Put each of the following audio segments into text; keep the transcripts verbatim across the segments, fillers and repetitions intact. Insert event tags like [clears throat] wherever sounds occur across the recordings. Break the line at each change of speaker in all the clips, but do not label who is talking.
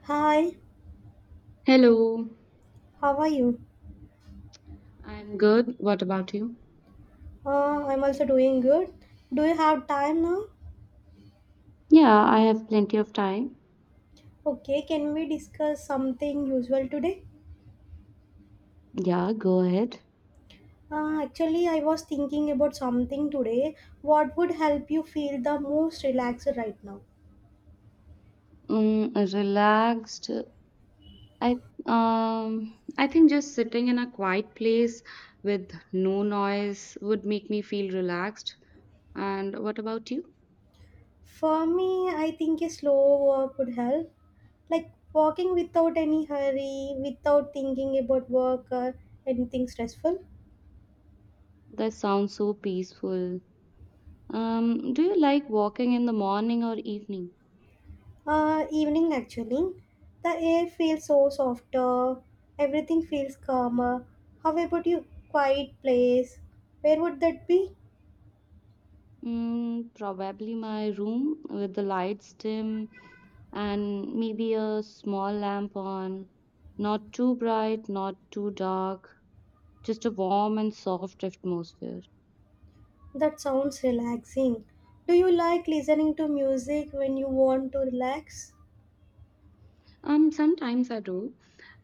Hi,
Hello,
how are you?
I'm good. What about you?
Uh, I'm also doing good. Do you have time now?
Yeah, I have plenty of time.
Okay, can we discuss something usual today?
Yeah, go ahead.
Uh, actually, I was thinking about something today. What would help you feel the most relaxed right now?
Mm, relaxed. I um I think just sitting in a quiet place with no noise would make me feel relaxed. And what about you?
For me, I think a slow walk would help. Like walking without any hurry, without thinking about work or anything stressful.
That sounds so peaceful. Um, do you like walking in the morning or evening?
Uh, evening actually. The air feels so softer, everything feels calmer. How about you? Quiet place. Where would that be?
Mm, probably my room with the lights dim and maybe a small lamp on. Not too bright, not too dark, just a warm and soft atmosphere.
That sounds relaxing. Do you like listening to music when you want to relax?
Um, sometimes I do,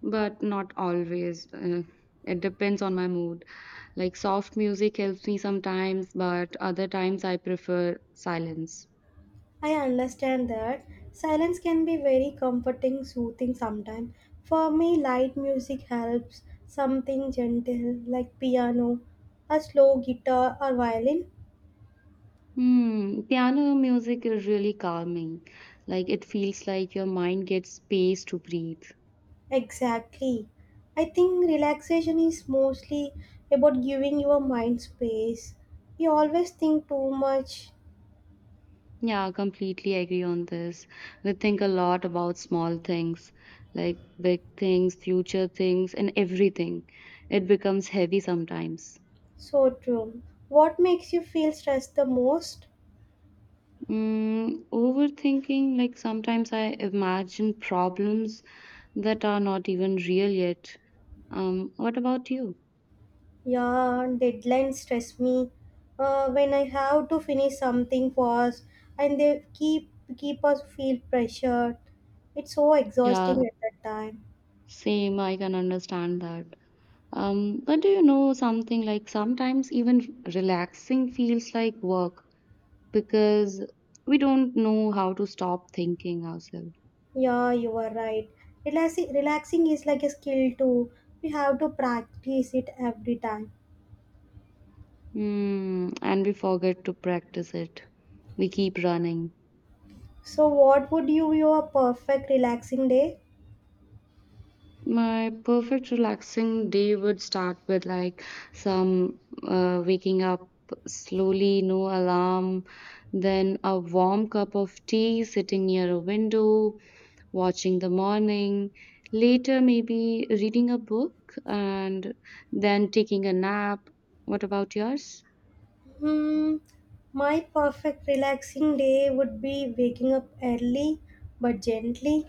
but not always. Uh, it depends on my mood. Like soft music helps me sometimes, but other times I prefer silence.
I understand that. Silence can be very comforting, soothing sometimes. For me, light music helps. Something gentle like piano, a slow guitar or violin.
Hmm, piano music is really calming. Like it feels like your mind gets space to breathe.
Exactly. I think relaxation is mostly about giving your mind space. You always think too much.
Yeah, I completely agree on this. We think a lot about small things, like big things, future things, and everything. It becomes heavy sometimes.
So true. What makes you feel stressed the most?
Mm, overthinking, like sometimes I imagine problems that are not even real yet. Um, what about you?
Yeah, deadlines stress me. Uh, when I have to finish something fast, and they keep keep us feel pressured. It's so
Yeah,
exhausting at that time.
same. I can understand that. Um, but do you know something, like sometimes even relaxing feels like work because we don't know how to stop thinking ourselves.
Yeah, you are right. Relaxing, relaxing is like a skill too. We have to practice it every time.
Hmm, and we forget to practice it. We keep running.
So, what would you your perfect relaxing day?
My perfect relaxing day would start with, like, some uh, waking up slowly, no alarm, then a warm cup of tea sitting near a window, watching the morning, later maybe reading a book and then taking a nap. What about yours?
Hmm, my perfect relaxing day would be waking up early but gently,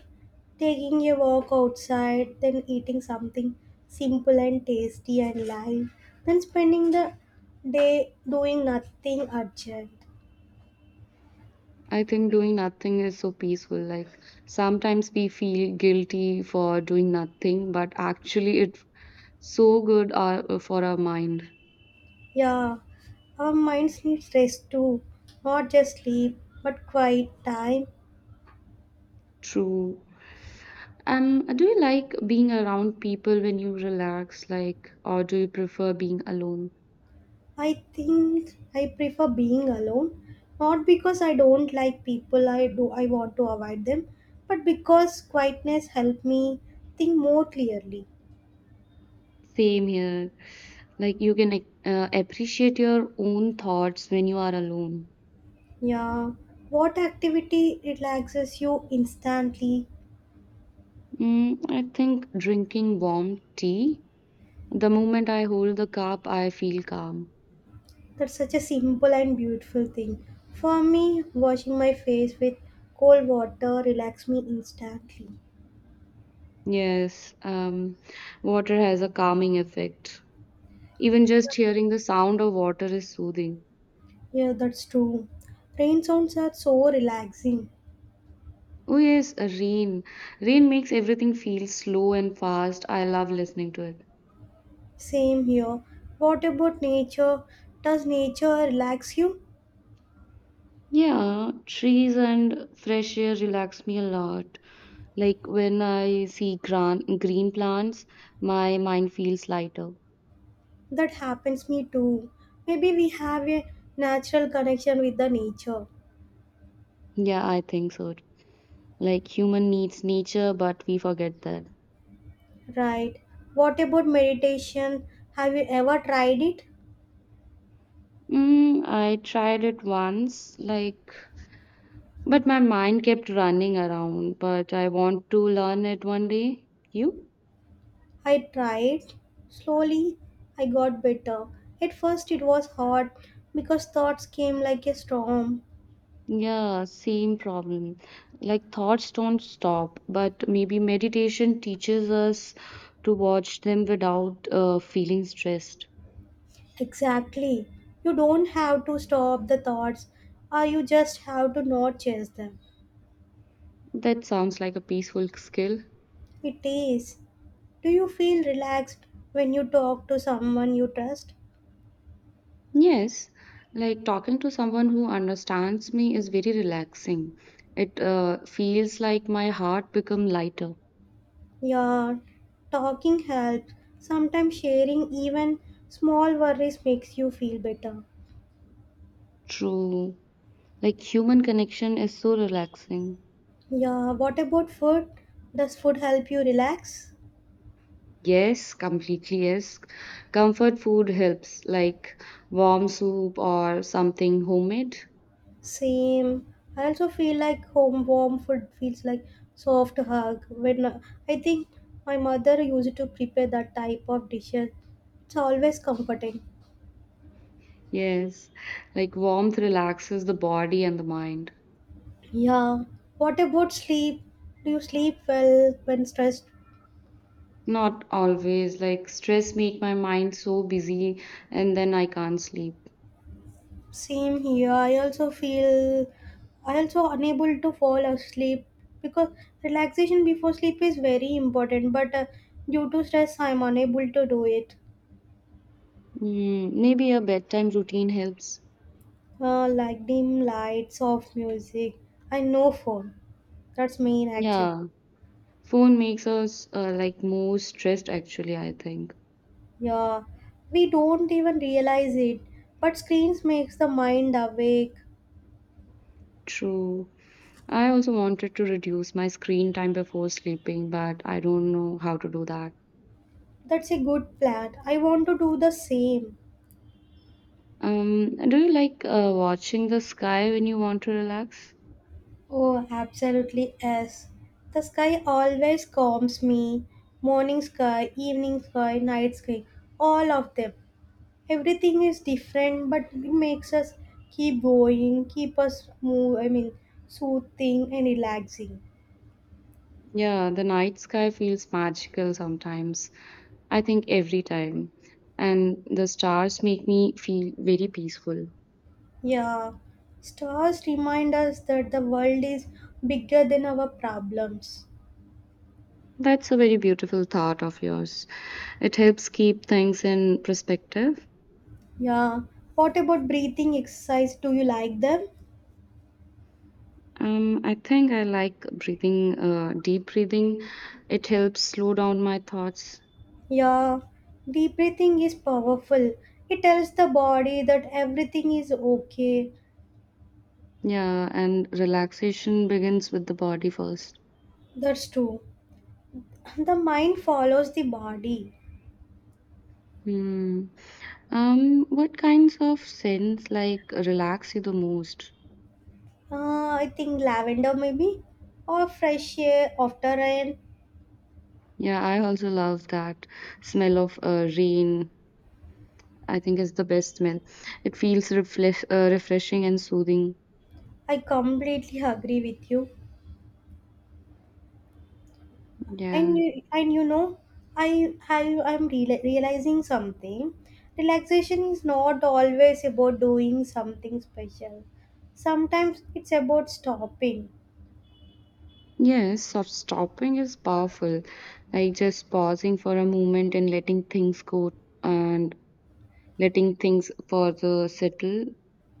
taking a walk outside, then eating something simple and tasty and light, then spending the day doing nothing urgent.
I think doing nothing is so peaceful. Like sometimes we feel guilty for doing nothing, but actually it's so good uh, for our mind.
Yeah, our minds need rest too, not just sleep but quiet time.
True. And do you like being around people when you relax, like, or do you prefer being alone?
I think I prefer being alone, not because I don't like people, I do I want to avoid them, but because quietness help me think more clearly.
Same here. Like you can, like, uh, appreciate your own thoughts when you are alone.
Yeah, what activity relaxes you instantly?
Mm, I think drinking warm tea. The moment I hold the cup, I feel calm.
That's such a simple and beautiful thing. For me, washing my face with cold water relax me instantly.
Yes, um, water has a calming effect. Even just hearing the sound of water is soothing.
Yeah, that's true. Rain sounds are so relaxing.
Oh yes, a rain. Rain makes everything feel slow and fast. I love listening to it.
Same here. What about nature? Does nature relax you?
Yeah, trees and fresh air relax me a lot. Like when I see gran- green plants, my mind feels lighter.
That happens me too. Maybe we have a natural connection with the nature.
Yeah, I think so. Like human needs nature, but we forget that.
Right. What about meditation? Have you ever tried it?
Mm, I tried it once, like, but my mind kept running around. But I want to learn it one day. You?
I tried. Slowly, I got better. At first, it was hard because thoughts came like a storm.
Yeah, same problem. Like thoughts don't stop, but maybe meditation teaches us to watch them without uh, feeling stressed.
Exactly. You don't have to stop the thoughts, or you just have to not chase them.
That sounds like a peaceful skill.
It is. Do you feel relaxed when you talk to someone you trust?
Yes, like talking to someone who understands me is very relaxing. It uh, feels like my heart become lighter.
Yeah, talking helps. Sometimes sharing even small worries makes you feel better.
True. Like human connection is so relaxing.
Yeah, what about food? Does food help you relax?
Yes, completely yes. Comfort food helps, like warm soup or something homemade.
Same. I also feel like home warm food feels like soft hug. When uh, I think my mother used to prepare that type of dishes. It's always comforting.
Yes, like warmth relaxes the body and the mind.
Yeah. What about sleep? Do you sleep well when stressed?
Not always, like stress make my mind so busy and then I can't sleep.
Same here. I also feel I also unable to fall asleep because relaxation before sleep is very important. But uh, due to stress, I'm unable to do it.
Mm, maybe a bedtime routine helps.
Uh, like dim lights, soft music, and no phone. That's main actually.
Yeah, phone makes us uh, like more stressed actually, I think.
Yeah, we don't even realize it. But screens makes the mind awake.
True. I also wanted to reduce my screen time before sleeping, but I don't know how to do that.
That's a good plan. I want to do the same.
Um, do you like uh, watching the sky when you want to relax?
Oh, absolutely yes. The sky always calms me. Morning sky, evening sky, night sky, all of them. Everything is different, but it makes us keep going, keep us move. I mean, soothing and relaxing.
Yeah, the night sky feels magical sometimes. I think every time. And the stars make me feel very peaceful.
Yeah, stars remind us that the world is bigger than our problems.
That's a very beautiful thought of yours. It helps keep things in perspective.
Yeah. What about breathing exercise? Do you like them?
Um, I think I like breathing, uh, deep breathing. It helps slow down my thoughts.
Yeah, deep breathing is powerful. It tells the body that everything is okay.
Yeah, and relaxation begins with the body first.
That's true. [clears throat] The mind follows the body.
Hmm. Um, what kinds of scents, like, relax you the most?
Uh, I think lavender maybe or fresh air after rain.
Yeah, I also love that smell of uh, rain. I think is the best smell. It feels refresh, uh, refreshing and soothing.
I completely agree with you. And
Yeah.
you- and you know, I I am reali realizing something. Relaxation is not always about doing something special. Sometimes it's about stopping.
Yes, soft stopping is powerful. Like just pausing for a moment and letting things go and letting things further settle.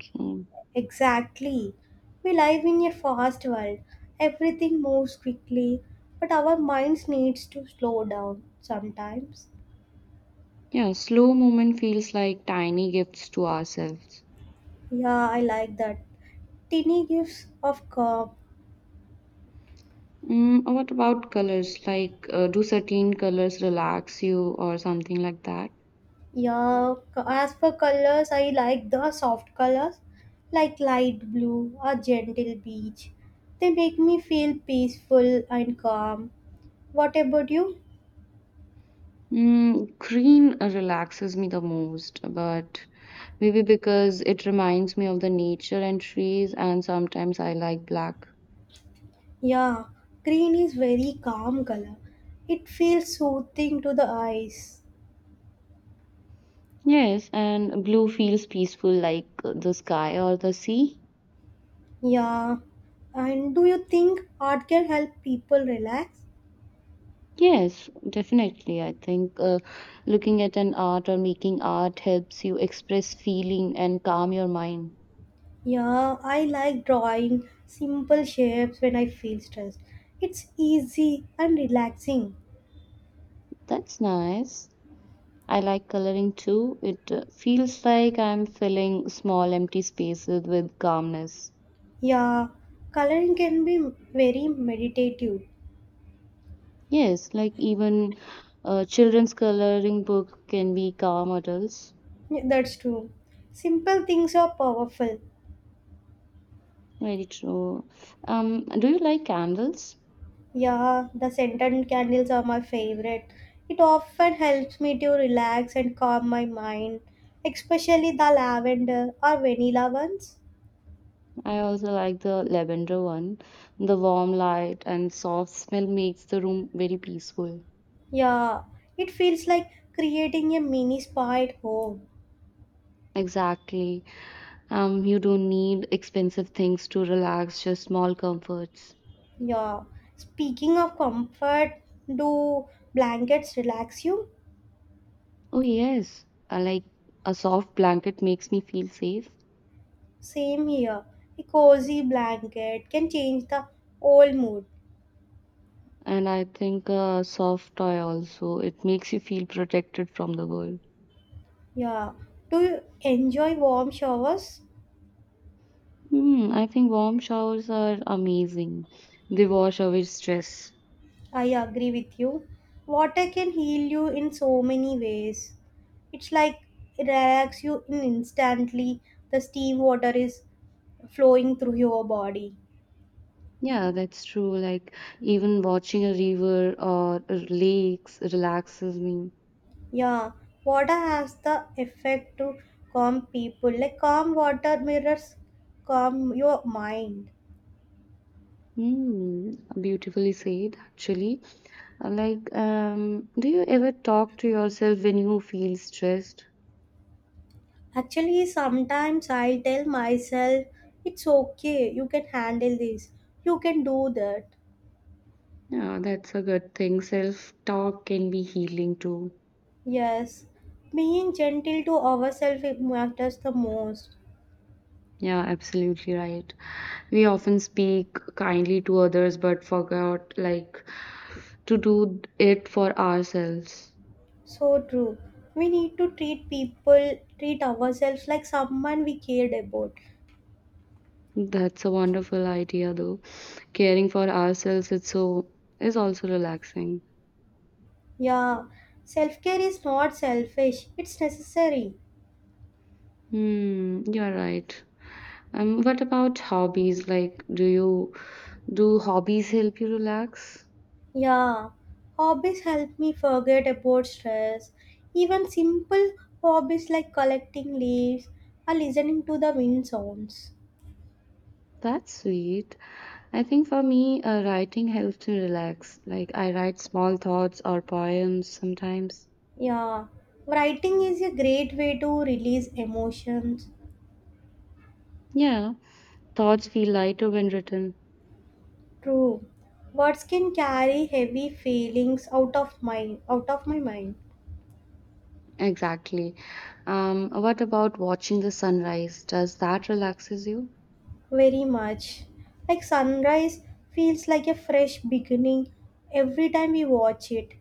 So,
Exactly. We live in a fast world. Everything moves quickly, but our minds needs to slow down sometimes.
yeah, slow movement feels like tiny gifts to ourselves.
Yeah, I like that. Tiny gifts of calm.
Mm, what about colors? Like, uh, do certain colors relax you or something like that?
Yeah, c- as for colors, I like the soft colors like light blue or gentle beige. They make me feel peaceful and calm. What about you?
Mm, green uh, relaxes me the most, but maybe because it reminds me of the nature and trees, and sometimes I like black.
Yeah, green is very calm color. It feels soothing to the eyes.
Yes, and blue feels peaceful like uh, the sky or the sea.
Yeah. And do you think art can help people relax?
Yes, definitely. I think uh, looking at an art or making art helps you express feeling and calm your mind.
Yeah, I like drawing simple shapes when I feel stressed. It's easy and relaxing.
That's nice. I like coloring too. It uh, feels like I'm filling small empty spaces with calmness.
Yeah, coloring can be very meditative.
Yes, like even a children's coloring book can be calm adults.
Yeah, That's true. Simple things are powerful.
Very true. Um, do you like candles?
Yeah, the scented candles are my favorite. It often helps me to relax and calm my mind, especially the lavender or vanilla ones.
I also like the lavender one. The warm light and soft smell makes the room very peaceful.
Yeah, it feels like creating a mini spa at home.
Exactly. Um, you don't need expensive things to relax, just small comforts.
Yeah. Speaking of comfort, do blankets relax you?
Oh, yes. I like a soft blanket makes me feel safe.
Same here. A cozy blanket can change the whole mood.
And I think a soft toy also. It makes you feel protected from the world.
Yeah. Do you enjoy warm showers?
Hmm, I think warm showers are amazing. They wash away stress.
I agree with you. Water can heal you in so many ways. It's like it relax you in instantly. The steam water is flowing through your body.
Yeah, that's true. Like even watching a river or lakes relaxes me.
Yeah, water has the effect to calm people. Like calm water mirrors calm your mind.
Hmm, beautifully said, actually. Uh, Like, um, do you ever talk to yourself when you feel stressed?
Actually, sometimes I tell myself, it's okay, you can handle this, you can do that.
Yeah, that's a good thing. Self-talk can be healing too.
Yes, being gentle to ourselves it matters the most.
Yeah, absolutely right. We often speak kindly to others, but forgot, like, to do it for ourselves.
So true. We need to treat people, treat ourselves like someone we cared about.
That's a wonderful idea, though. Caring for ourselves its so is also relaxing.
Yeah, self care is not selfish, it's necessary.
Hmm, you're right. Um, what about hobbies? Like, do you do hobbies help you relax?
Yeah, hobbies help me forget about stress. Even simple hobbies like collecting leaves or listening to the wind sounds.
That's sweet. I think for me, uh, writing helps me relax. Like, I write small thoughts or poems sometimes.
Yeah, writing is a great way to release emotions.
Yeah, thoughts feel lighter when written.
True, words can carry heavy feelings out of my out of my mind.
Exactly. Um, what about watching the sunrise? Does that relaxes you?
Very much. Like sunrise feels like a fresh beginning every time we watch it.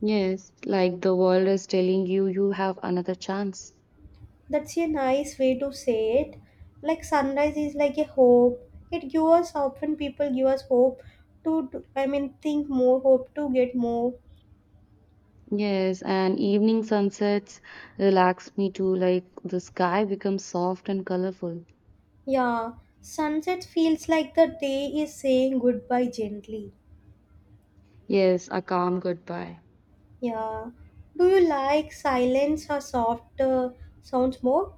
Yes, like the world is telling you, you have another chance.
That's a nice way to say it. Like sunrise is like a hope. It gives us often people give us hope to do- I mean, think more hope to get more.
Yes, and evening sunsets relax me too, like the sky becomes soft and colorful.
Yeah. Sunset feels like the day is saying goodbye gently.
Yes, a calm goodbye.
Yeah. Do you like silence or soft uh, sounds more?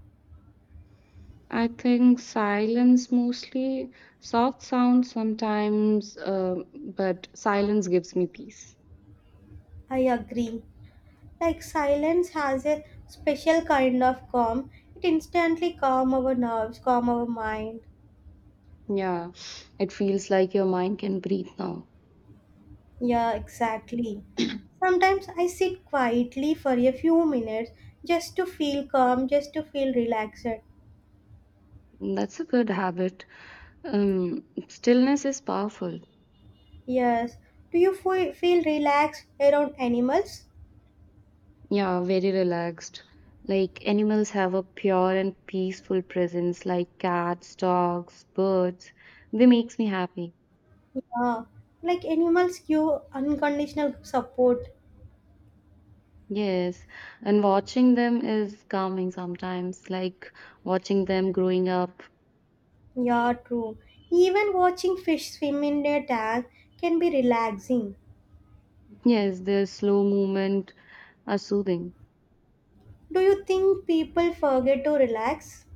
I think silence mostly, soft sounds sometimes, uh, but silence gives me peace.
I agree. Like silence has a special kind of calm. It instantly calm our nerves, calm our mind.
Yeah, it feels like your mind can breathe now.
Yeah, exactly. Sometimes I sit quietly for a few minutes just to feel calm, just to feel relaxed.
That's a good habit. Um, stillness is powerful.
Yes. Do you fe- feel relaxed around animals?
Yeah, very relaxed. Like animals have a pure and peaceful presence, like cats, dogs, birds. They makes me happy.
Yeah. Like animals give unconditional support.
Yes, and watching them is calming sometimes, like watching them growing up.
Yeah, true. Even watching fish swim in their tank can be relaxing.
Yes, their slow movement are soothing.
Do you think people forget to relax?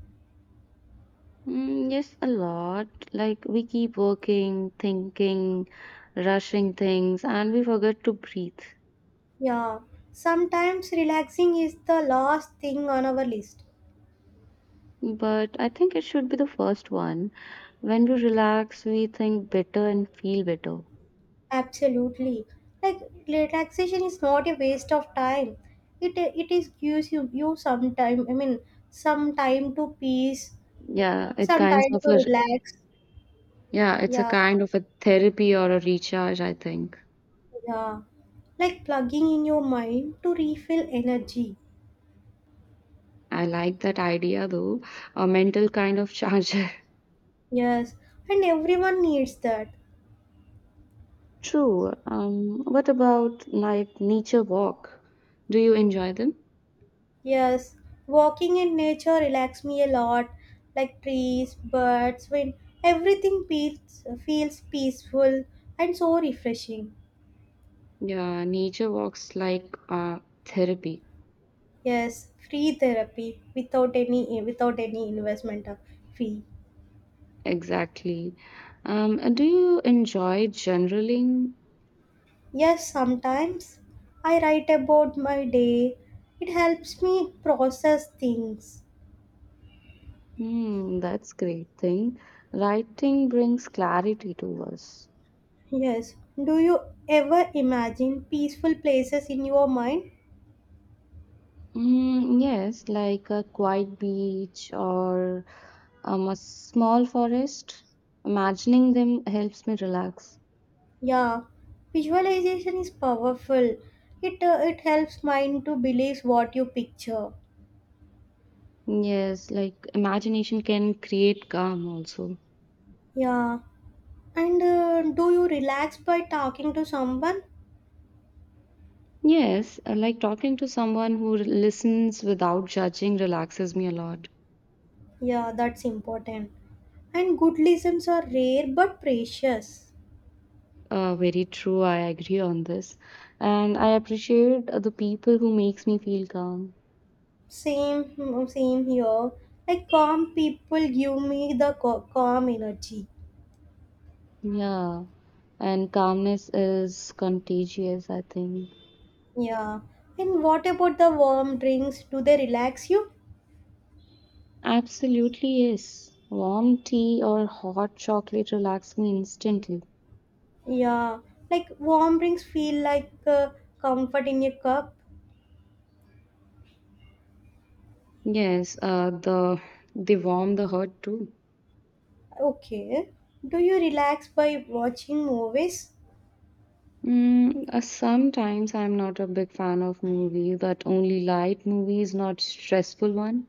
Mm, yes, a lot. Like we keep working, thinking, rushing things, and we forget to breathe.
Yeah. Sometimes relaxing is the last thing on our list.
But I think it should be the first one. When we relax, we think better and feel better.
Absolutely. Like relaxation is not a waste of time. It it is gives you you some time. I mean, some time to peace,
Yeah, it
some
kinds
time
of a
to relax.
yeah, it's a
Yeah,
kind of a therapy or a recharge, I think.
yeah. Like plugging in your mind to refill energy.
I like that idea though, a mental kind of charger.
Yes, and everyone needs that.
[laughs] True. Um, what about, like, nature walk? Do you enjoy them?
Yes, walking in nature relax me a lot. Like trees, birds, wind, everything feels feels peaceful and so refreshing.
Yeah, nature walks like uh, therapy.
Yes, free therapy without any without any investment of fee.
Exactly. Um, and do you enjoy journaling?
Yes, sometimes I write about my day. It helps me process things.
Hmm, that's great thing. Writing brings clarity to us.
Yes. Do you ever imagine peaceful places in your mind?
Mm, yes, like a quiet beach or um, a small forest. Imagining them helps me relax.
Yeah. Visualization is powerful. It uh, it helps mind to believe what you picture.
Yes, like imagination can create calm also.
Yeah. And uh, do you relax by talking to someone?
Yes, uh, like talking to someone who listens without judging relaxes me a lot.
Yeah, that's important. And good lessons are rare but precious.
Uh, very true, I agree on this. And I appreciate uh, the people who makes me feel calm.
Same, same here, like calm people give me the ca- calm energy.
Yeah, and calmness is contagious, I think.
Yeah. And what about the warm drinks? Do they relax you?
Absolutely, yes. Warm tea or hot chocolate relax me instantly.
Yeah, like warm drinks feel like uh, comfort in your cup.
Yes, uh, the they warm the heart too.
Okay. Do you relax by watching movies?
Mm, uh, sometimes I'm not a big fan of movie, but only light movies, not stressful one.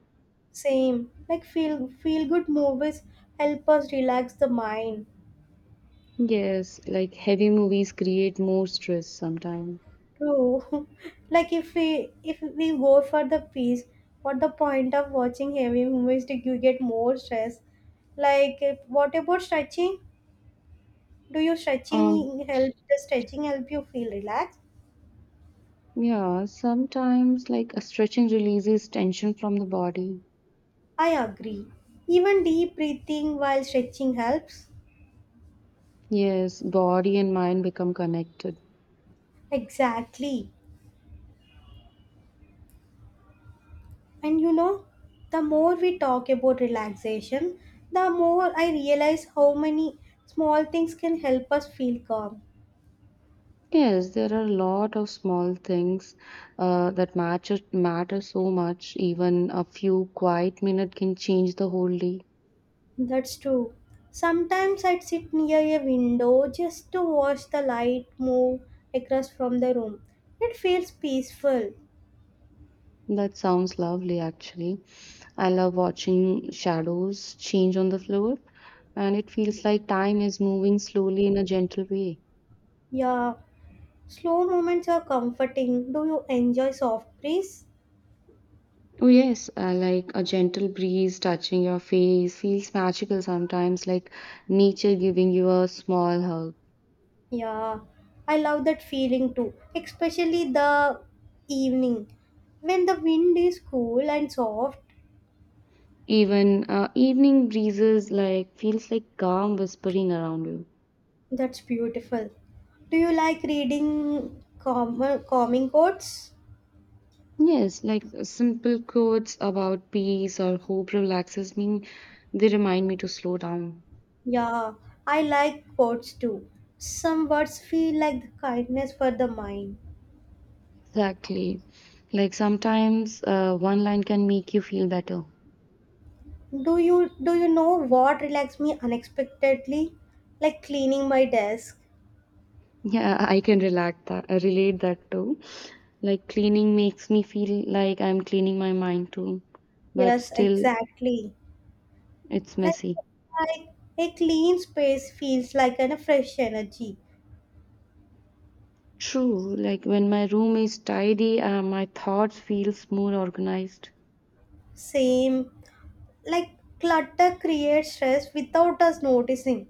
Same, like feel feel good movies help us relax the mind.
Yes, like heavy movies create more stress sometimes.
True. [laughs] Like if we if we go for the peace, what the point of watching heavy movies? Do you get more stress? Like if- what about stretching? Do you
Um,
stretching help? The stretching help you feel relaxed?
yeah, sometimes, like, a stretching releases tension from the body.
I agree. Even deep breathing while stretching helps.
Yes, body and mind become connected.
Exactly. And you know, the more we talk about relaxation, the more I realize how many small things can help us feel calm.
Yes, there are a lot of small things uh, that matter matter so much. Even a few quiet minutes can change the whole day.
That's true. Sometimes I'd sit near a window just to watch the light move across from the room. It feels peaceful.
That sounds lovely, actually. I love watching shadows change on the floor, and it feels like time is moving slowly in a gentle way.
Yeah. Slow moments are comforting. Do you enjoy soft breeze?
Oh, yes, uh, like a gentle breeze touching your face feels magical sometimes, like nature giving you a small hug.
Yeah. I love that feeling too, especially the evening when the wind is cool and soft.
Even uh, evening breezes like feels like calm whispering around you.
That's beautiful. Do you like reading calm, calming quotes?
Yes, like uh, simple quotes about peace or hope relaxes me. They remind me to slow down.
Yeah, I like quotes too. Some words feel like the kindness for the mind.
Exactly. Like sometimes uh, one line can make you feel better.
Do you do you know what relaxed me unexpectedly? Like cleaning my desk.
Yeah, I can relax that, uh, relate that too. Like cleaning makes me feel like I'm cleaning my mind too, but
Yes,
still
exactly.
it's
Like,
messy.
like a clean space feels like an a fresh energy.
True, like when my room is tidy, uh, my thoughts feels more organized.
Same. Like clutter creates stress without us noticing.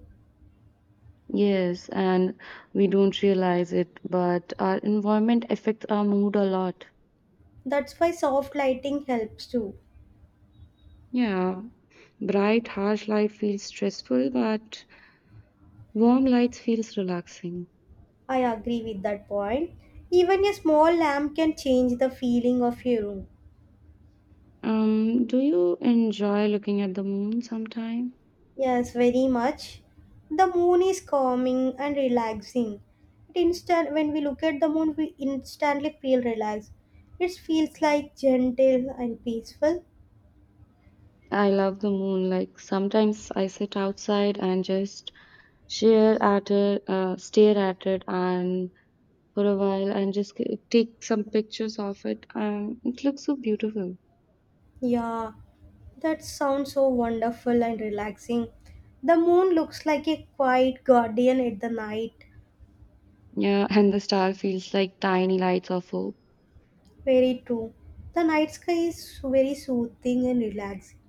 Yes, and we don't realize it, but our environment affects our mood a lot.
That's why soft lighting helps too.
Yeah, bright, harsh light feels stressful, but warm lights feels relaxing.
I agree with that point. Even a small lamp can change the feeling of your room.
Um, do you enjoy looking at the moon sometime?
Yes, very much. The moon is calming and relaxing. It instant when we look at the moon, we instantly feel relaxed. It feels like gentle and peaceful.
I love the moon. Like sometimes I sit outside and just stare at it, uh, stare at it, and for a while, and just c- take some pictures of it, and it looks so beautiful.
Yeah, that sounds so wonderful and relaxing. The moon looks like a quiet guardian at the night.
Yeah, and the star feels like tiny lights of hope.
Very true. The night sky is very soothing and relaxing.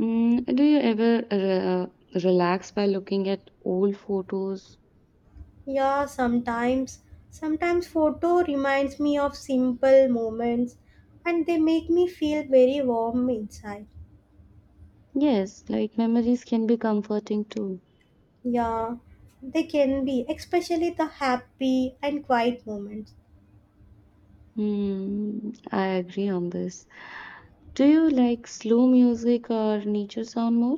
Mm, do you ever uh, relax by looking at old photos?
Yeah, sometimes. Sometimes photo reminds me of simple moments and they make me feel very warm inside.
Yes, like memories can be comforting too.
Yeah, they can be, especially the happy and quiet moments.
Hmm, I agree on this. Do you like slow music or nature sound more?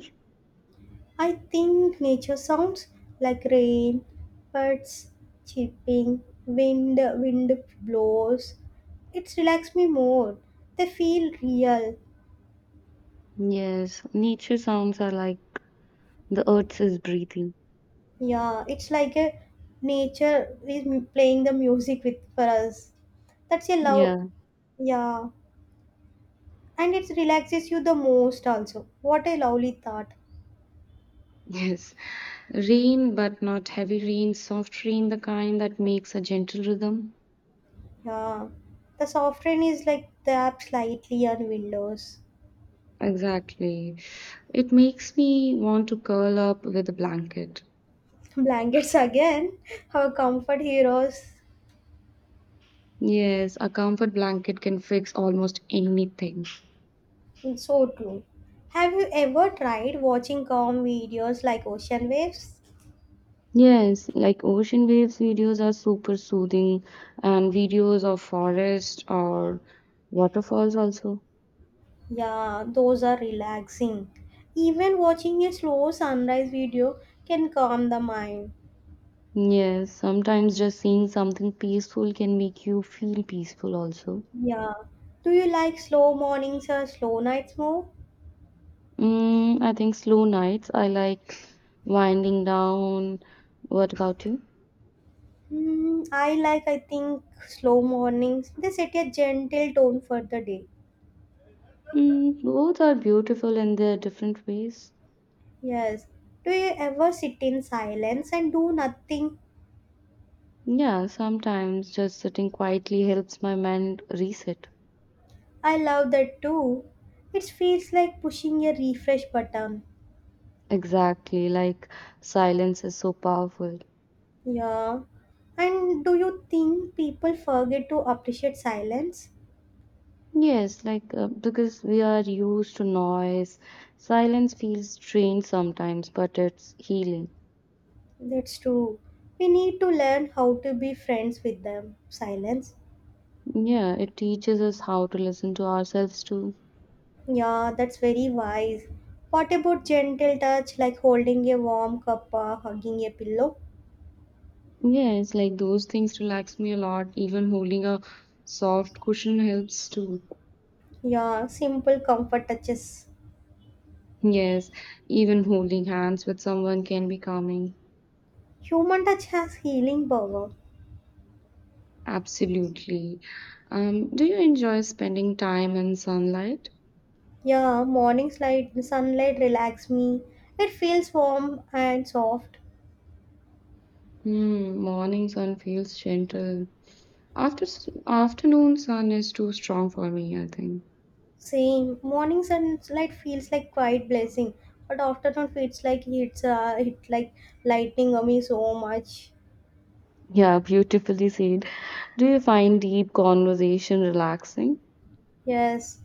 I think nature sounds like rain, birds chirping, wind wind blows. It's relax me more. They feel real.
Yes, nature sounds are like the earth is breathing.
Yeah, it's like a nature is m- playing the music with for us. That's a love,
Yeah,
yeah, and it relaxes you the most also. What a lovely thought,
[laughs] yes. Rain, but not heavy rain, soft rain, the kind that makes a gentle rhythm.
yeah. The soft rain is like the app slightly on windows.
Exactly. It makes me want to curl up with a blanket.
[laughs] Blankets again, our comfort heroes.
Yes, a comfort blanket can fix almost anything.
So true. Have you ever tried watching calm videos like ocean waves?
Yes, like ocean waves videos are super soothing, and videos of forest or waterfalls also.
Yeah, those are relaxing. Even watching a slow sunrise video can calm the mind.
Yes, sometimes just seeing something peaceful can make you feel peaceful also.
Yeah. Do you like slow mornings or slow nights more?
Mm, I think slow nights. I like winding down. What about you?
Hmm, I like, I think, slow mornings. They set a gentle tone for the day.
Mm, both are beautiful in their different ways.
Yes. Do you ever sit in silence and do nothing?
Yeah, sometimes just sitting quietly helps my mind reset.
I love that too. It feels like pushing a refresh button.
Exactly, like silence is so powerful.
Yeah. And do you think people forget to appreciate silence?
Yes, like uh, because we are used to noise, silence feels strained sometimes, but it's healing.
That's true. We need to learn how to be friends with them. Silence.
Yeah, it teaches us how to listen to ourselves too.
Yeah, that's very wise. What about gentle touch like holding a warm cup or hugging a pillow?
Yes, like those things relax me a lot. Even holding a soft cushion helps too.
Yeah, simple comfort touches.
Yes, even holding hands with someone can be calming.
Human touch has healing power.
Absolutely. Um, do you enjoy spending time in sunlight?
Yeah, morning light, sunlight relax me. It feels warm and soft.
Hmm, morning sun feels gentle. After afternoon sun is too strong for me, I think.
Same, morning sunlight feels like quiet blessing, but afternoon feels like it's uh, it like lightning on me so much.
Yeah, beautifully said. Do you find deep conversation relaxing?
Yes,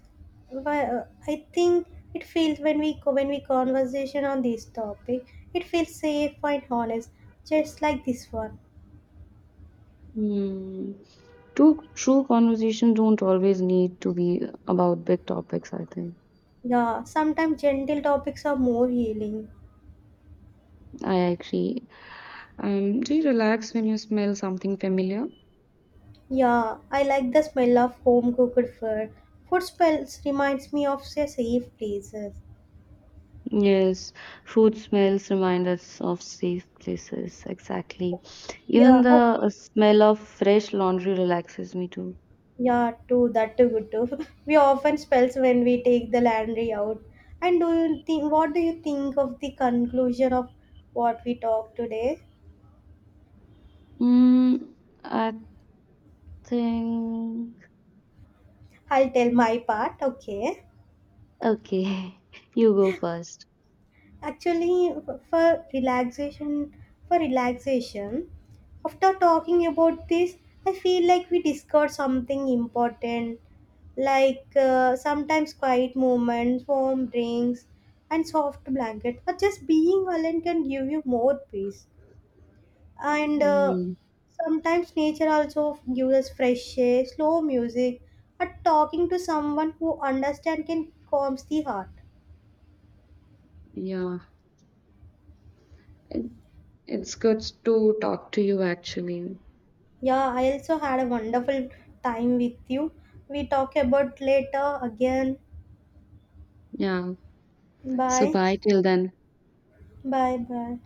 why, uh, I think it feels when we co- when we conversation on this topic, it feels safe and honest, just like this one.
Hmm. True, true conversations don't always need to be about big topics, I think.
Yeah, sometimes gentle topics are more healing.
I agree. Um, do you relax when you smell something familiar?
Yeah, I like the smell of home cooked food. Food smells reminds me of say, safe places.
Yes, food smells remind us of safe places, exactly. Even
Yeah,
the
oh,
uh, smell of fresh laundry relaxes me too.
yeah, too that too good too. [laughs] We often spells when we take the laundry out. And do you think? What do you think of the conclusion of what we talked today?
Mm, I think.
I'll tell my part. Okay.
Okay, [laughs] you go first.
Actually, for relaxation, for relaxation, after talking about this, I feel like we discussed something important, like uh, sometimes quiet moments, warm drinks, and soft blanket. But just being alone can give you more peace. And uh,
Mm,
sometimes nature also gives us fresh air, slow music, but talking to someone who understands can calms the heart.
yeah, it, it's good to talk to you actually.
Yeah, I also had a wonderful time with you. We talk about later again.
Yeah. So,
Bye.
bye till then.
Bye bye.